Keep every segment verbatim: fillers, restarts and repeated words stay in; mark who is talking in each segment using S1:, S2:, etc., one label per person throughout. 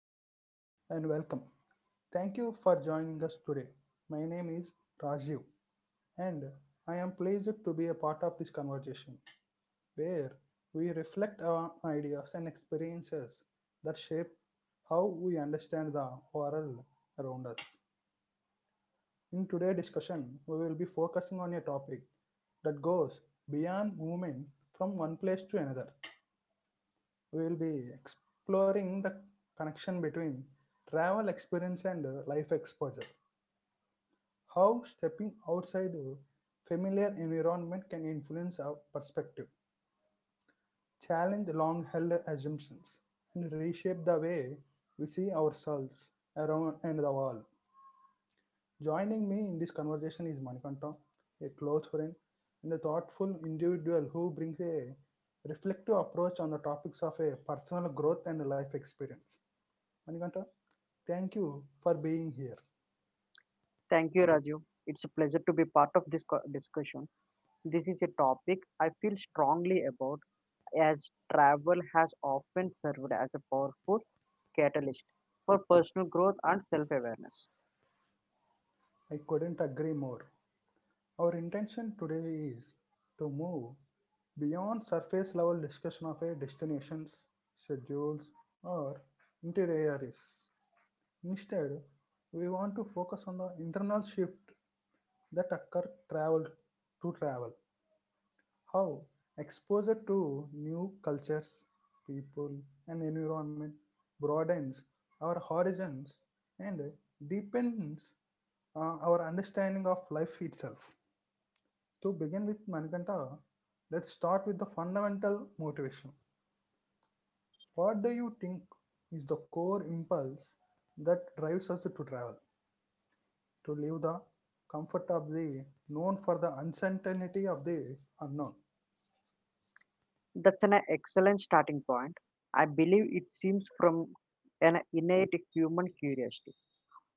S1: Hello and welcome. Thank you for joining us today. My name is Rajiv and I am pleased to be a part of this conversation where we reflect our ideas and experiences that shape how we understand the world around us. In today's discussion, we will be focusing on a topic that goes beyond movement from one place to another. We will be exploring the connection between travel experience and uh, life exposure. How stepping outside a familiar environment can influence our perspective, challenge long held assumptions, and reshape the way we see ourselves around and the world. Joining me in this conversation is Manikanta, a close friend and a thoughtful individual who brings a reflective approach on the topics of a personal growth and life experience. Manikanta, thank you for being here.
S2: Thank you, Raju. It's a pleasure to be part of this co- discussion. This is a topic I feel strongly about as travel has often served as a powerful catalyst for personal growth and self awareness.
S1: I couldn't agree more. Our intention today is to move beyond surface level discussion of a destinations, schedules, or itineraries. Instead, we want to focus on the internal shift that occur travel to travel. How exposure to new cultures, people, and environment broadens our horizons and deepens uh, our understanding of life itself. To begin with, Manikanta, let's start with the fundamental motivation. What do you think is the core impulse that drives us to travel, to leave the comfort of the known for the uncertainty of the unknown?
S2: That's an excellent starting point. I believe it seems from an innate human curiosity.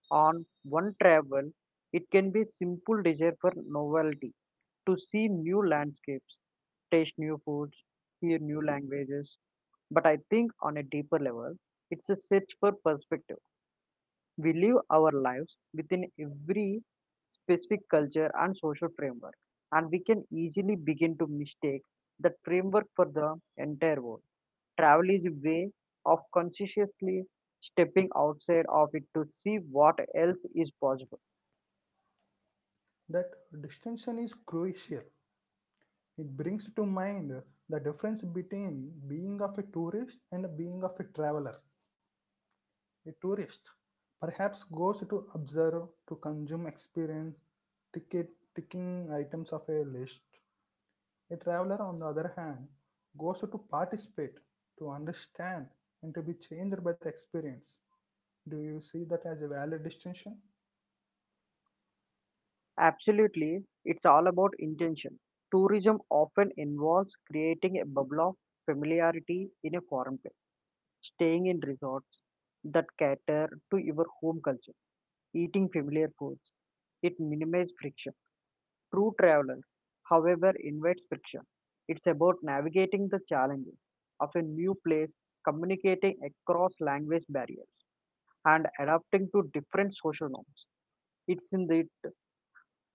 S2: On one travel, it can be simple desire for novelty, to see new landscapes, taste new foods, hear new languages. But I think on a deeper level, it's a search for perspective. We live our lives within every specific culture and social framework, and we can easily begin to mistake that framework for the entire world. Travel is a way of consciously stepping outside of it to see what else is possible.
S1: That distinction is crucial. It brings to mind the difference between being of a tourist and being of a traveler. A tourist perhaps goes to observe, to consume, experience, ticket, ticking items of a list. A traveler, on the other hand, goes to participate, to understand, and to be changed by the experience. Do you see that as a valid distinction?
S2: Absolutely, it's all about intention. Tourism often involves creating a bubble of familiarity in a foreign place, staying in resorts that cater to your home culture, eating familiar foods. It minimizes friction. True Traveler, however, invites friction. It's about navigating the challenges of a new place, communicating across language barriers, and adapting to different social norms. It's in the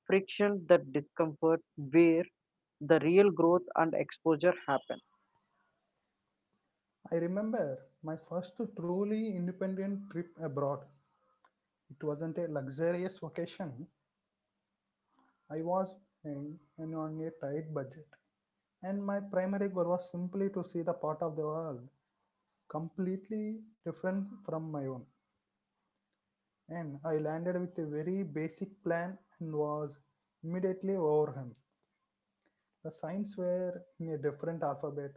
S2: friction, that discomfort, where the real growth and exposure happen.
S1: I remember my first truly independent trip abroad. It wasn't a luxurious vacation. I was in, in on a tight budget. And my primary goal was simply to see the part of the world completely different from my own. And I landed with a very basic plan and was immediately overwhelmed. The signs were in a different alphabet,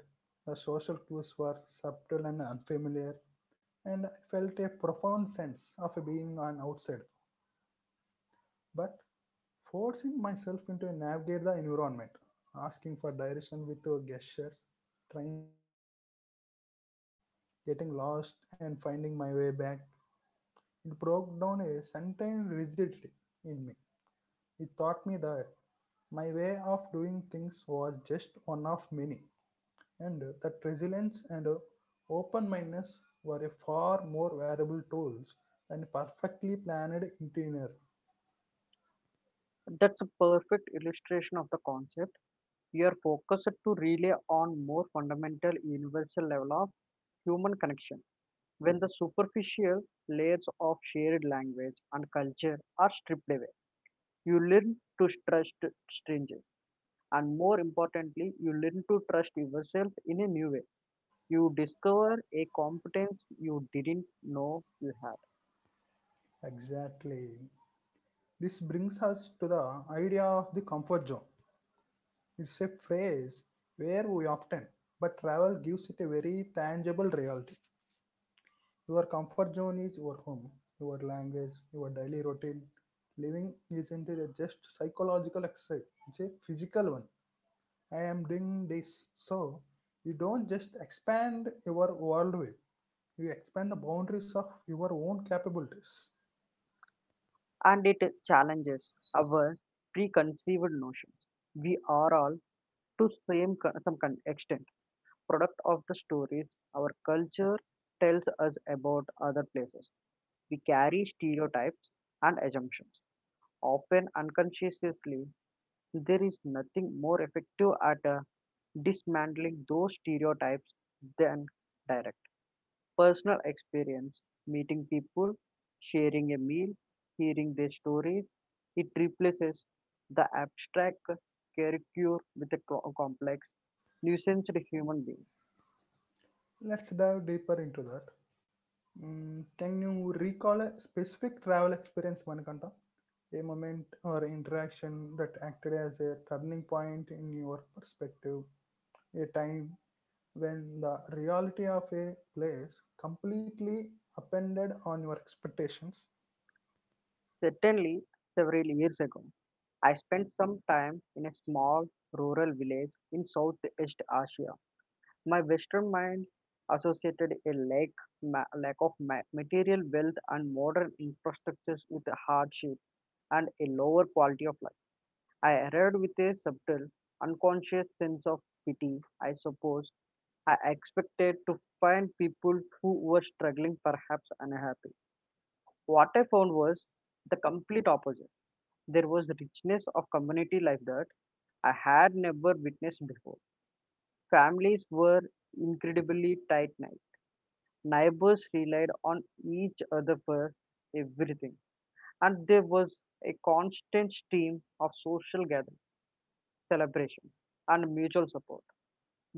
S1: the social clues were subtle and unfamiliar, and I felt a profound sense of being an outsider. But forcing myself into navigate the environment, asking for direction with uh, gestures, trying unfamiliar street food, getting lost and finding my way back, it broke down a certain rigidity in me. It taught me that my way of doing things was just one of many, and uh, that resilience and uh, open mindedness were a far more valuable tools than perfectly planned itinerary.
S2: That's a perfect illustration of the concept. We are focused to rely on more fundamental universal level of human connection when the superficial layers of shared language and culture are stripped away. You learn to trust strangers, and more importantly, you learn to trust yourself in a new way. You discover a competence you didn't know you had,
S1: Exactly. This brings us to the idea of the comfort zone. It's a phrase where we often, but travel gives it a very tangible reality. Your comfort zone is your home, your language, your daily routine. Living isn't it a just psychological exercise, it's a physical one. I am doing this. So you don't just expand your worldview, you expand the boundaries of your own capabilities.
S2: and it challenges our preconceived notions. We are all, to same co- some con- extent, product of the stories our culture tells us about other places. We carry stereotypes and assumptions, often unconsciously. There is nothing more effective at uh, dismantling those stereotypes than direct personal experience, meeting people, sharing a meal, hearing their stories. It replaces the abstract caricature with a co- complex, nuanced human being.
S1: Let's dive deeper into that. Mm, can you recall a specific travel experience, Manikanta? A moment or interaction that acted as a turning point in your perspective, a time when the reality of a place completely appended on your expectations.
S2: Certainly, several years ago, I spent some time in a small rural village in Southeast Asia. My Western mind associated a lack, ma- lack of ma- material wealth and modern infrastructures with hardship and a lower quality of life. I arrived with a subtle, unconscious sense of pity, I suppose. I expected to find people who were struggling, perhaps unhappy. What I found was the complete opposite. There was richness of community life that I had never witnessed before. Families were incredibly tight knit. Neighbors relied on each other for everything. And there was a constant stream of social gatherings, celebrations, and mutual support.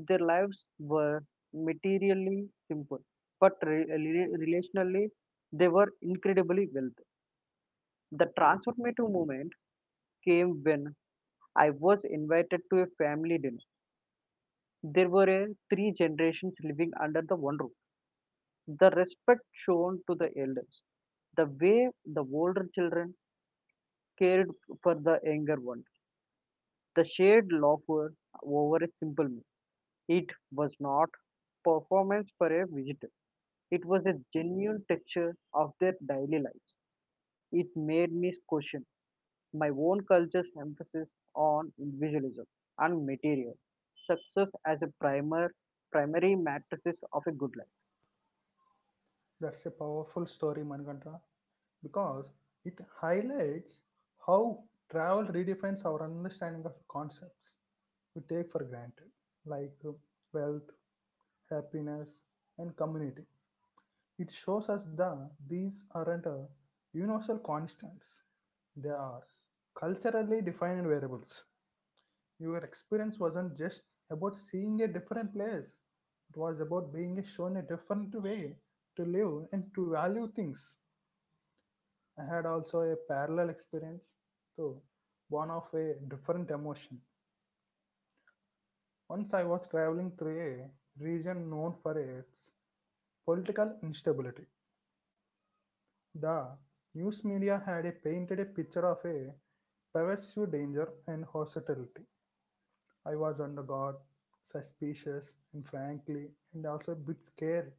S2: Their lives were materially simple, but re- re- relationally, they were incredibly wealthy. The transformative moment came when I was invited to a family dinner. There were a three generations living under the one roof. The respect shown to the elders, the way the older children cared for the younger ones, the shared laughter over a simple meal. It was not performance for a visitor. It was a genuine texture of their daily lives. It made me question my own culture's emphasis on individualism and material success as a primer primary matrices of a good life.
S1: That's a powerful story, Manikanta, because it highlights how travel redefines our understanding of concepts we take for granted, like uh, wealth, happiness, and community. It shows us that these aren't uh, universal constants, they are culturally defined variables. Your experience wasn't just about seeing a different place, it was about being shown a different way to live and to value things. I had also a parallel experience, though born of a different emotion. Once I was traveling through a region known for its political instability. The news media had a painted a picture of a pervasive danger and hostility. I was under guard, suspicious, and frankly, and also a bit scared.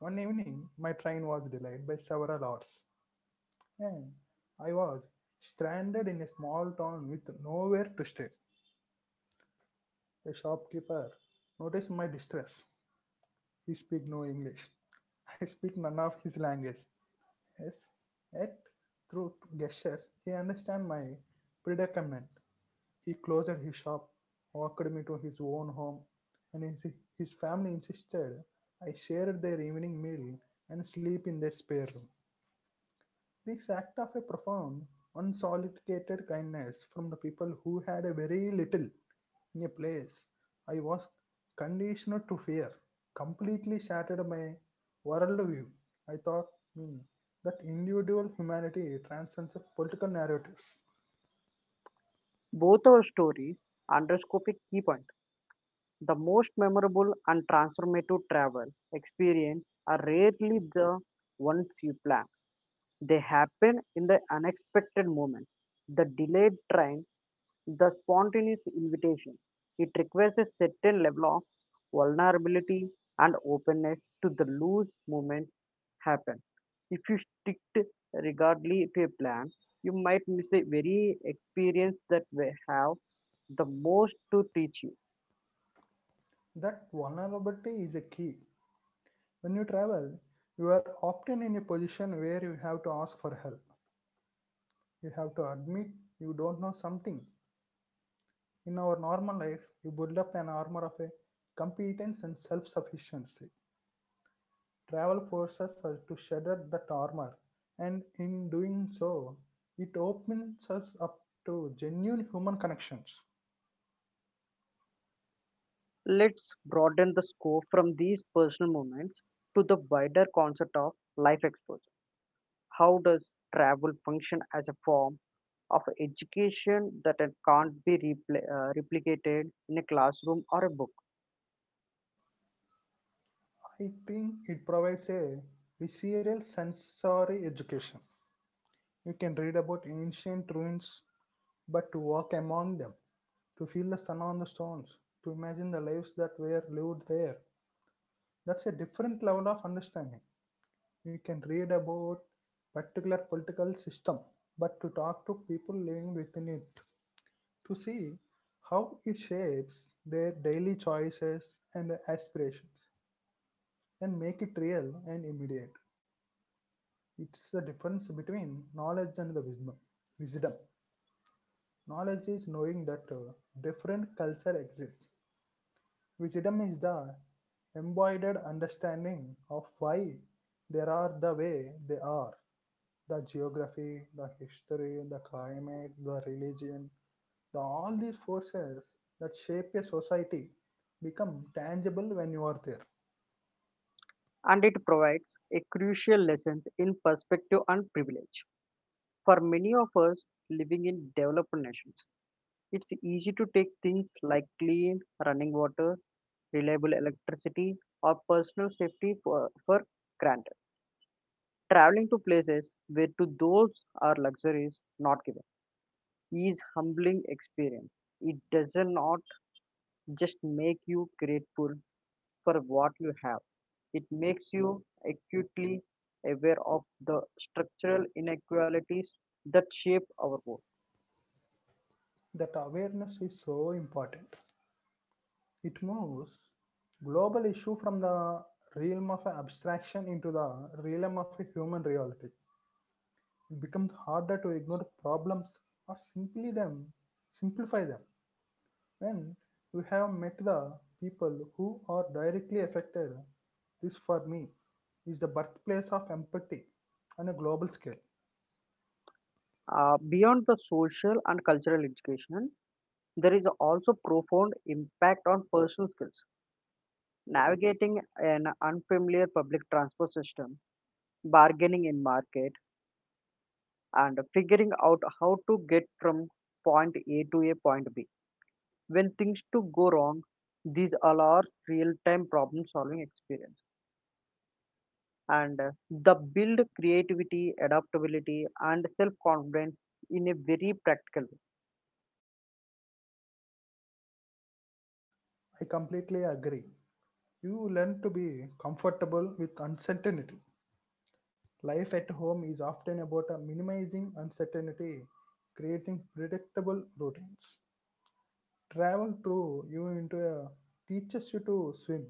S1: One evening, my train was delayed by several hours, and I was stranded in a small town with nowhere to stay. A shopkeeper noticed my distress. He speak no English. I speak none of his language. Yes, yet through gestures he understand my predicament. He closed his shop, walked me to his own home, and his, his family insisted I share their evening meal and sleep in their spare room. This act of a profound, unsolicited kindness from the people who had a very little in a place I was conditioned to fear completely shattered my worldview. I taught me that individual humanity transcends political narratives,
S2: Both our stories underscore a key point. The most memorable and transformative travel experience are rarely the ones you plan. They happen in the unexpected moment. The delayed train, the spontaneous invitation. It requires a certain level of vulnerability and openness to the loose movements happen. If you stick to- regardless to a plan, you might miss the very experience that we have the most to teach you.
S1: that vulnerability is a key. When you travel, you are often in a position where you have to ask for help. You have to admit you don't know something. In our normal life, we build up an armor of a competence and self sufficiency. Travel forces us to shatter that armor, and in doing so, it opens us up to genuine human connections.
S2: Let's broaden the scope from these personal moments to the wider concept of life exposure. How does travel function as a form of education that it can't be repl- uh, replicated in a classroom or a book?
S1: I think it provides a visceral sensory education. You can read about ancient ruins, but to walk among them, to feel the sun on the stones, to imagine the lives that were lived there, that's a different level of understanding. We can read about particular political system, but to talk to people living within it, to see how it shapes their daily choices and aspirations, and make it real and immediate. It's the difference between knowledge and the wisdom. Wisdom. Knowledge is knowing that uh, different culture exists. Wisdom is the embodied understanding of why they are the way they are the geography, the history, the climate, the religion, the all these forces that shape a society become tangible when you are there.
S2: And it provides a crucial lesson in perspective and privilege. For many of us living in developed nations, it's easy to take things like clean running water, reliable electricity, or personal safety for, for granted. Traveling to places where to those are luxuries not given is humbling experience. It does not just make you grateful for what you have. It makes you acutely aware of the structural inequalities that shape our world.
S1: That awareness is so important. It moves global issue from the realm of abstraction into the realm of a human reality. It becomes harder to ignore problems or simply them simplify them. When you have met the people who are directly affected, this for me is the birthplace of empathy on a global scale.
S2: Uh, beyond the social and cultural education, there is also profound impact on personal skills. Navigating an unfamiliar public transport system, bargaining in market, and figuring out how to get from point A to a point B. When things to go wrong, these all are real-time problem-solving experience. And uh, the build creativity adaptability and self confidence in a very practical way.
S1: I completely agree. You learn to be comfortable with uncertainty. Life at home is often about uh, minimizing uncertainty, creating predictable routines. Travel through you into a teaches you to swim.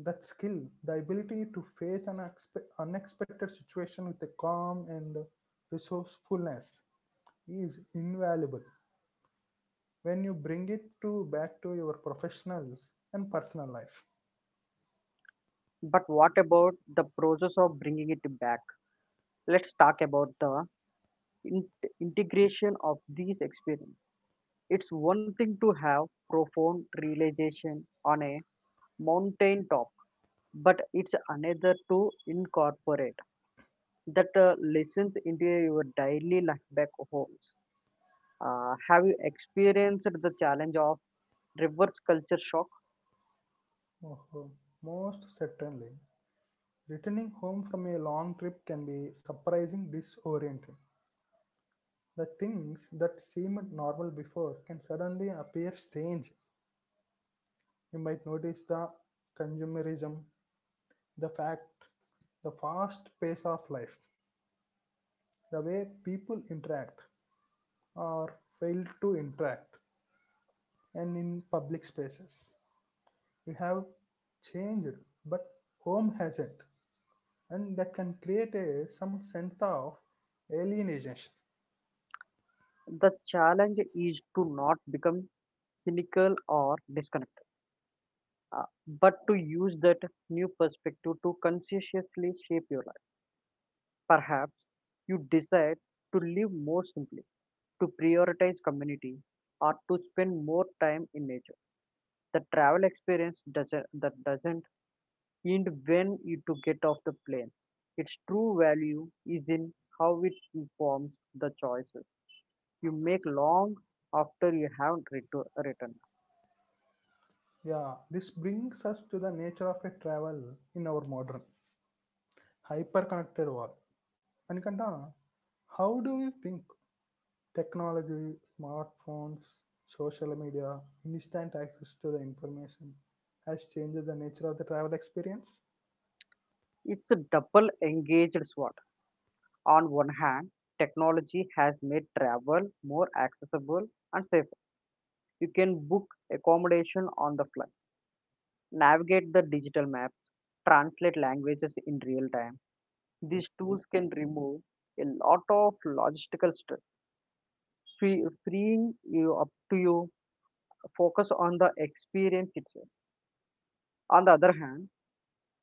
S1: That skill, the ability to face an expe- unexpected situation with a calm and resourcefulness, is invaluable when you bring it to back to your professionals and personal life.
S2: But what about the process of bringing it back? Let's talk about the in- integration of these experiences. It's one thing to have profound realization on a mountain top, but it's another to incorporate that uh, lessons into your daily life back homes. Uh, have you experienced the challenge of reverse culture shock?
S1: Oh, most certainly, returning home from a long trip can be surprising disorienting. The things that seemed normal before can suddenly appear strange. You might notice the consumerism, the fact, the fast pace of life, the way people interact or fail to interact and in public spaces. We have changed, but home hasn't, and that can create a, some sense of alienation.
S2: The challenge is to not become cynical or disconnected, uh, but to use that new perspective to conscientiously shape your life. Perhaps you decide to live more simply, to prioritize community, or to spend more time in nature. The travel experience doesn't that doesn't end when you to get off the plane. Its true value is in how it informs the choices you make long after you have retu- returned.
S1: Yeah, this brings us to the nature of a travel in our modern hyper connected world. Anikanta, how do you think technology, smartphones, social media, instant access to the information has changed the nature of the travel experience.
S2: It's a double engaged sword. On one hand, technology has made travel more accessible and safer. You can book accommodation on the fly, navigate the digital maps, translate languages in real time. These tools can remove a lot of logistical stress, free- freeing you up to you focus on the experience itself. On the other hand,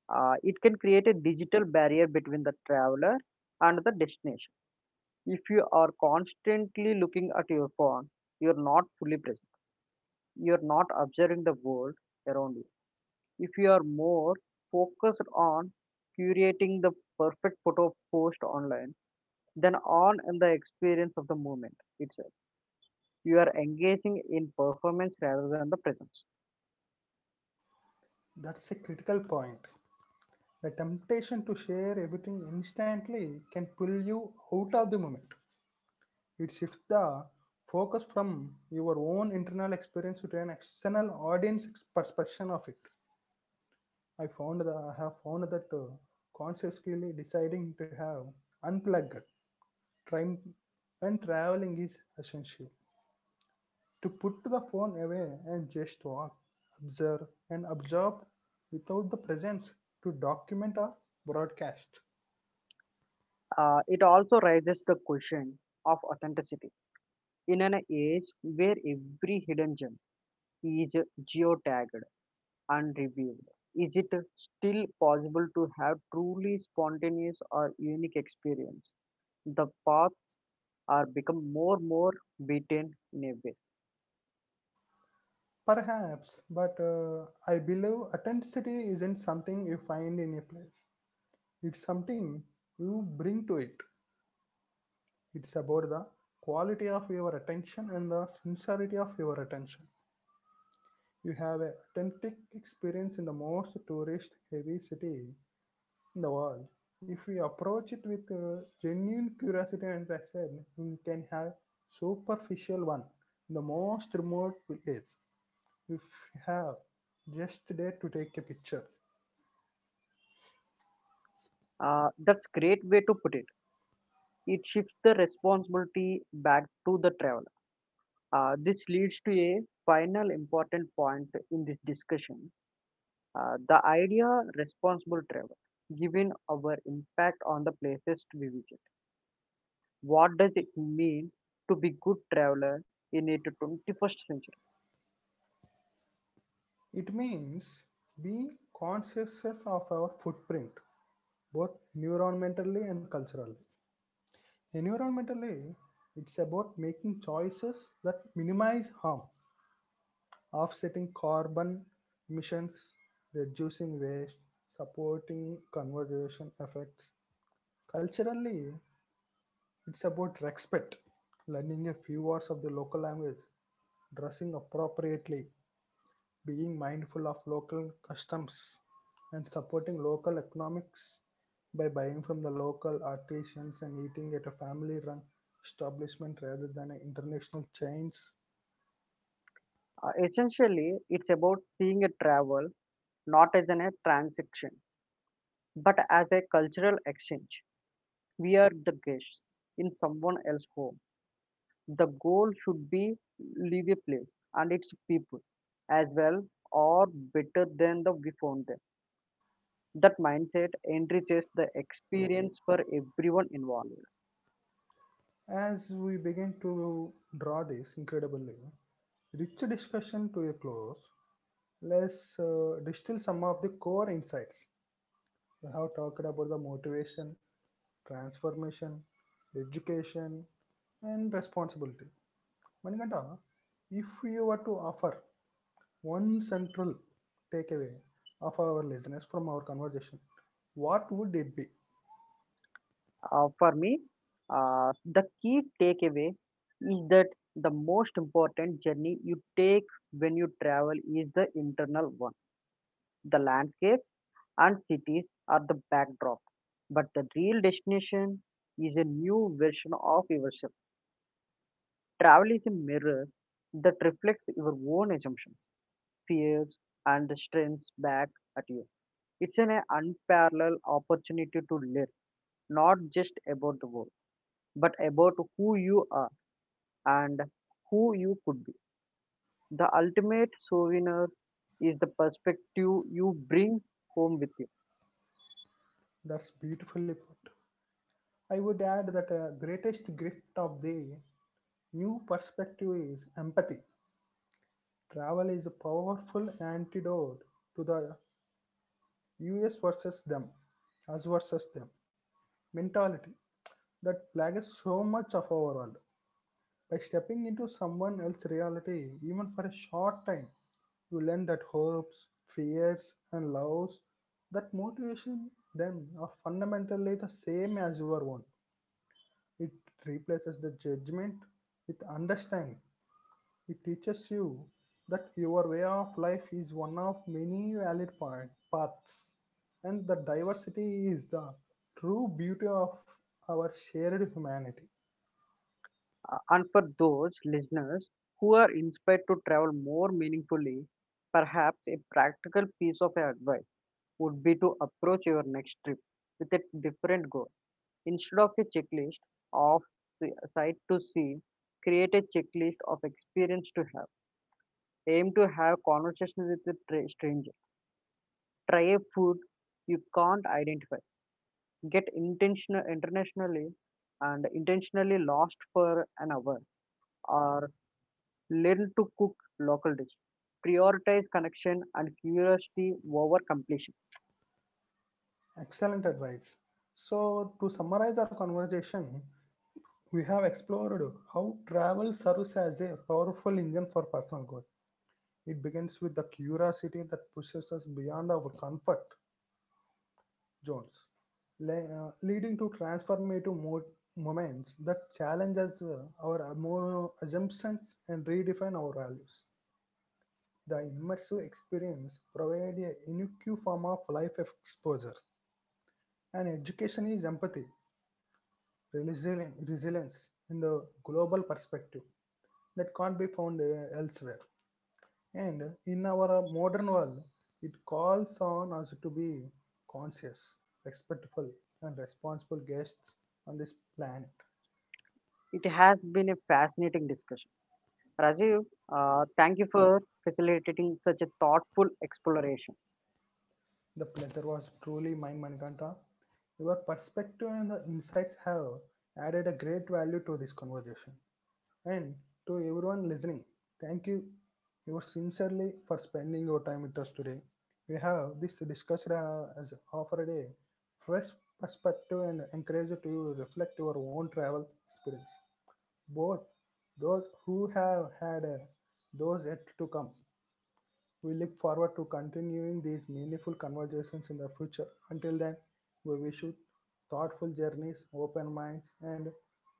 S2: uh, it can create a digital barrier between the traveler and the destination. If you are constantly looking at your phone, you're not fully present. You're not observing the world around you. If you are more focused on curating the perfect photo post online than on in the experience of the moment itself, you are engaging in performance rather than the presence.
S1: That's a critical point. The temptation to share everything instantly can pull you out of the moment. It shifts the focus from your own internal experience to an external audience ex- perception of it. I found that I have found that uh, consciously deciding to have unplugged time when traveling is essential. To put the phone away and just walk, observe, and absorb without the presence to document or broadcast.
S2: Uh, it also raises the question of authenticity in an age where every hidden gem is geotagged unreviewed. Is it still possible to have truly spontaneous or unique experience? The path are become more more beaten in a way.
S1: Perhaps, but uh, I believe authenticity isn't something you find in a place. It's something you bring to it. It's about the quality of your attention and the sincerity of your attention. You have an authentic experience in the most tourist heavy city in the world. If we approach it with uh, genuine curiosity and respect, we can have superficial one in the most remote place. If we have just there to take a picture,
S2: Uh, that's great way to put it. It shifts the responsibility back to the traveler. Uh, this leads to a final important point in this discussion. Uh, the idea responsible travel, given our impact on the places we visit. What does it mean to be good traveler in the twenty-first century?
S1: it means being conscious of our footprint, both environmentally and culturally. Environmentally, it's about making choices that minimize harm offsetting carbon emissions, reducing waste, supporting conservation efforts. Culturally, it's about respect, learning a few words of the local language, dressing appropriately, being mindful of local customs, and supporting local economics by buying from the local artisans and eating at a family run establishment rather than an international chains.
S2: Uh, essentially, it's about seeing a travel not as an, a transaction but as a cultural exchange. We are the guests in someone else's home. The goal should be leave a place and its people as well or better than the we found them. That mindset enriches the experience for everyone involved.
S1: As we begin to draw this incredibly rich discussion to a close, let's uh, distill some of the core insights. We have talked about the motivation, transformation, education, and responsibility. Manikanta, if we were to offer one central takeaway of our listeners from our conversation, what would it be?
S2: Uh, for me, uh, the key takeaway is that the most important journey you take when you travel is the internal one. The landscape and cities are the backdrop, but the real destination is a new version of yourself. Travel is a mirror that reflects your own assumptions, fears, and strengths back at you. It's an unparalleled opportunity to live, not just about the world, but about who you are and who you could be. The ultimate souvenir is the perspective you bring home with you.
S1: That's beautifully put. I would add that the greatest gift of the new perspective is empathy. Travel is a powerful antidote to the U S versus them, us versus them mentality that plagues so much of our world. By stepping into someone else's reality, even for a short time, you learn that hopes, fears, and loves that motivation them are fundamentally the same as your own. It replaces the judgment with understanding. It teaches you that your way of life is one of many valid pa- paths, and the diversity is the true beauty of our shared humanity.
S2: Uh, And for those listeners who are inspired to travel more meaningfully, perhaps a practical piece of advice would be to approach your next trip with a different goal. Instead of a checklist of the sight to see, create a checklist of experience to have. Aim to have conversations with a tra- stranger. Try a food you can't identify. Get intentional internationally and intentionally lost for an hour, or learn to cook local dish. Prioritize connection and curiosity over completion.
S1: Excellent advice. So, to summarize our conversation, we have explored how travel serves as a powerful engine for personal growth. It begins with the curiosity that pushes us beyond our comfort Jones, le- uh, leading to transformative mo- moments that challenges uh, our amo- assumptions and redefine our values. The immersive experience provides a unique form of life exposure. And education is empathy, resilien- resilience, and a global perspective that can't be found uh, elsewhere. And in our uh, modern world, it calls on us to be conscious, respectful, and responsible guests on this planet.
S2: It has been a fascinating discussion, Rajiv. Uh, thank you for facilitating such a thoughtful exploration.
S1: The pleasure was truly mine, Manikanta. Your perspective and the insights have added a great value to this conversation. And to everyone listening, thank you you sincerely for spending your time with us today. We have this discussed uh, as offered a fresh perspective and encourage you to reflect your own travel experience. Both those who have had uh, those yet to come. We look forward to continuing these meaningful conversations in the future. Until then, we wish you thoughtful journeys, open minds, and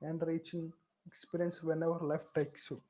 S1: enriching experience whenever life takes you.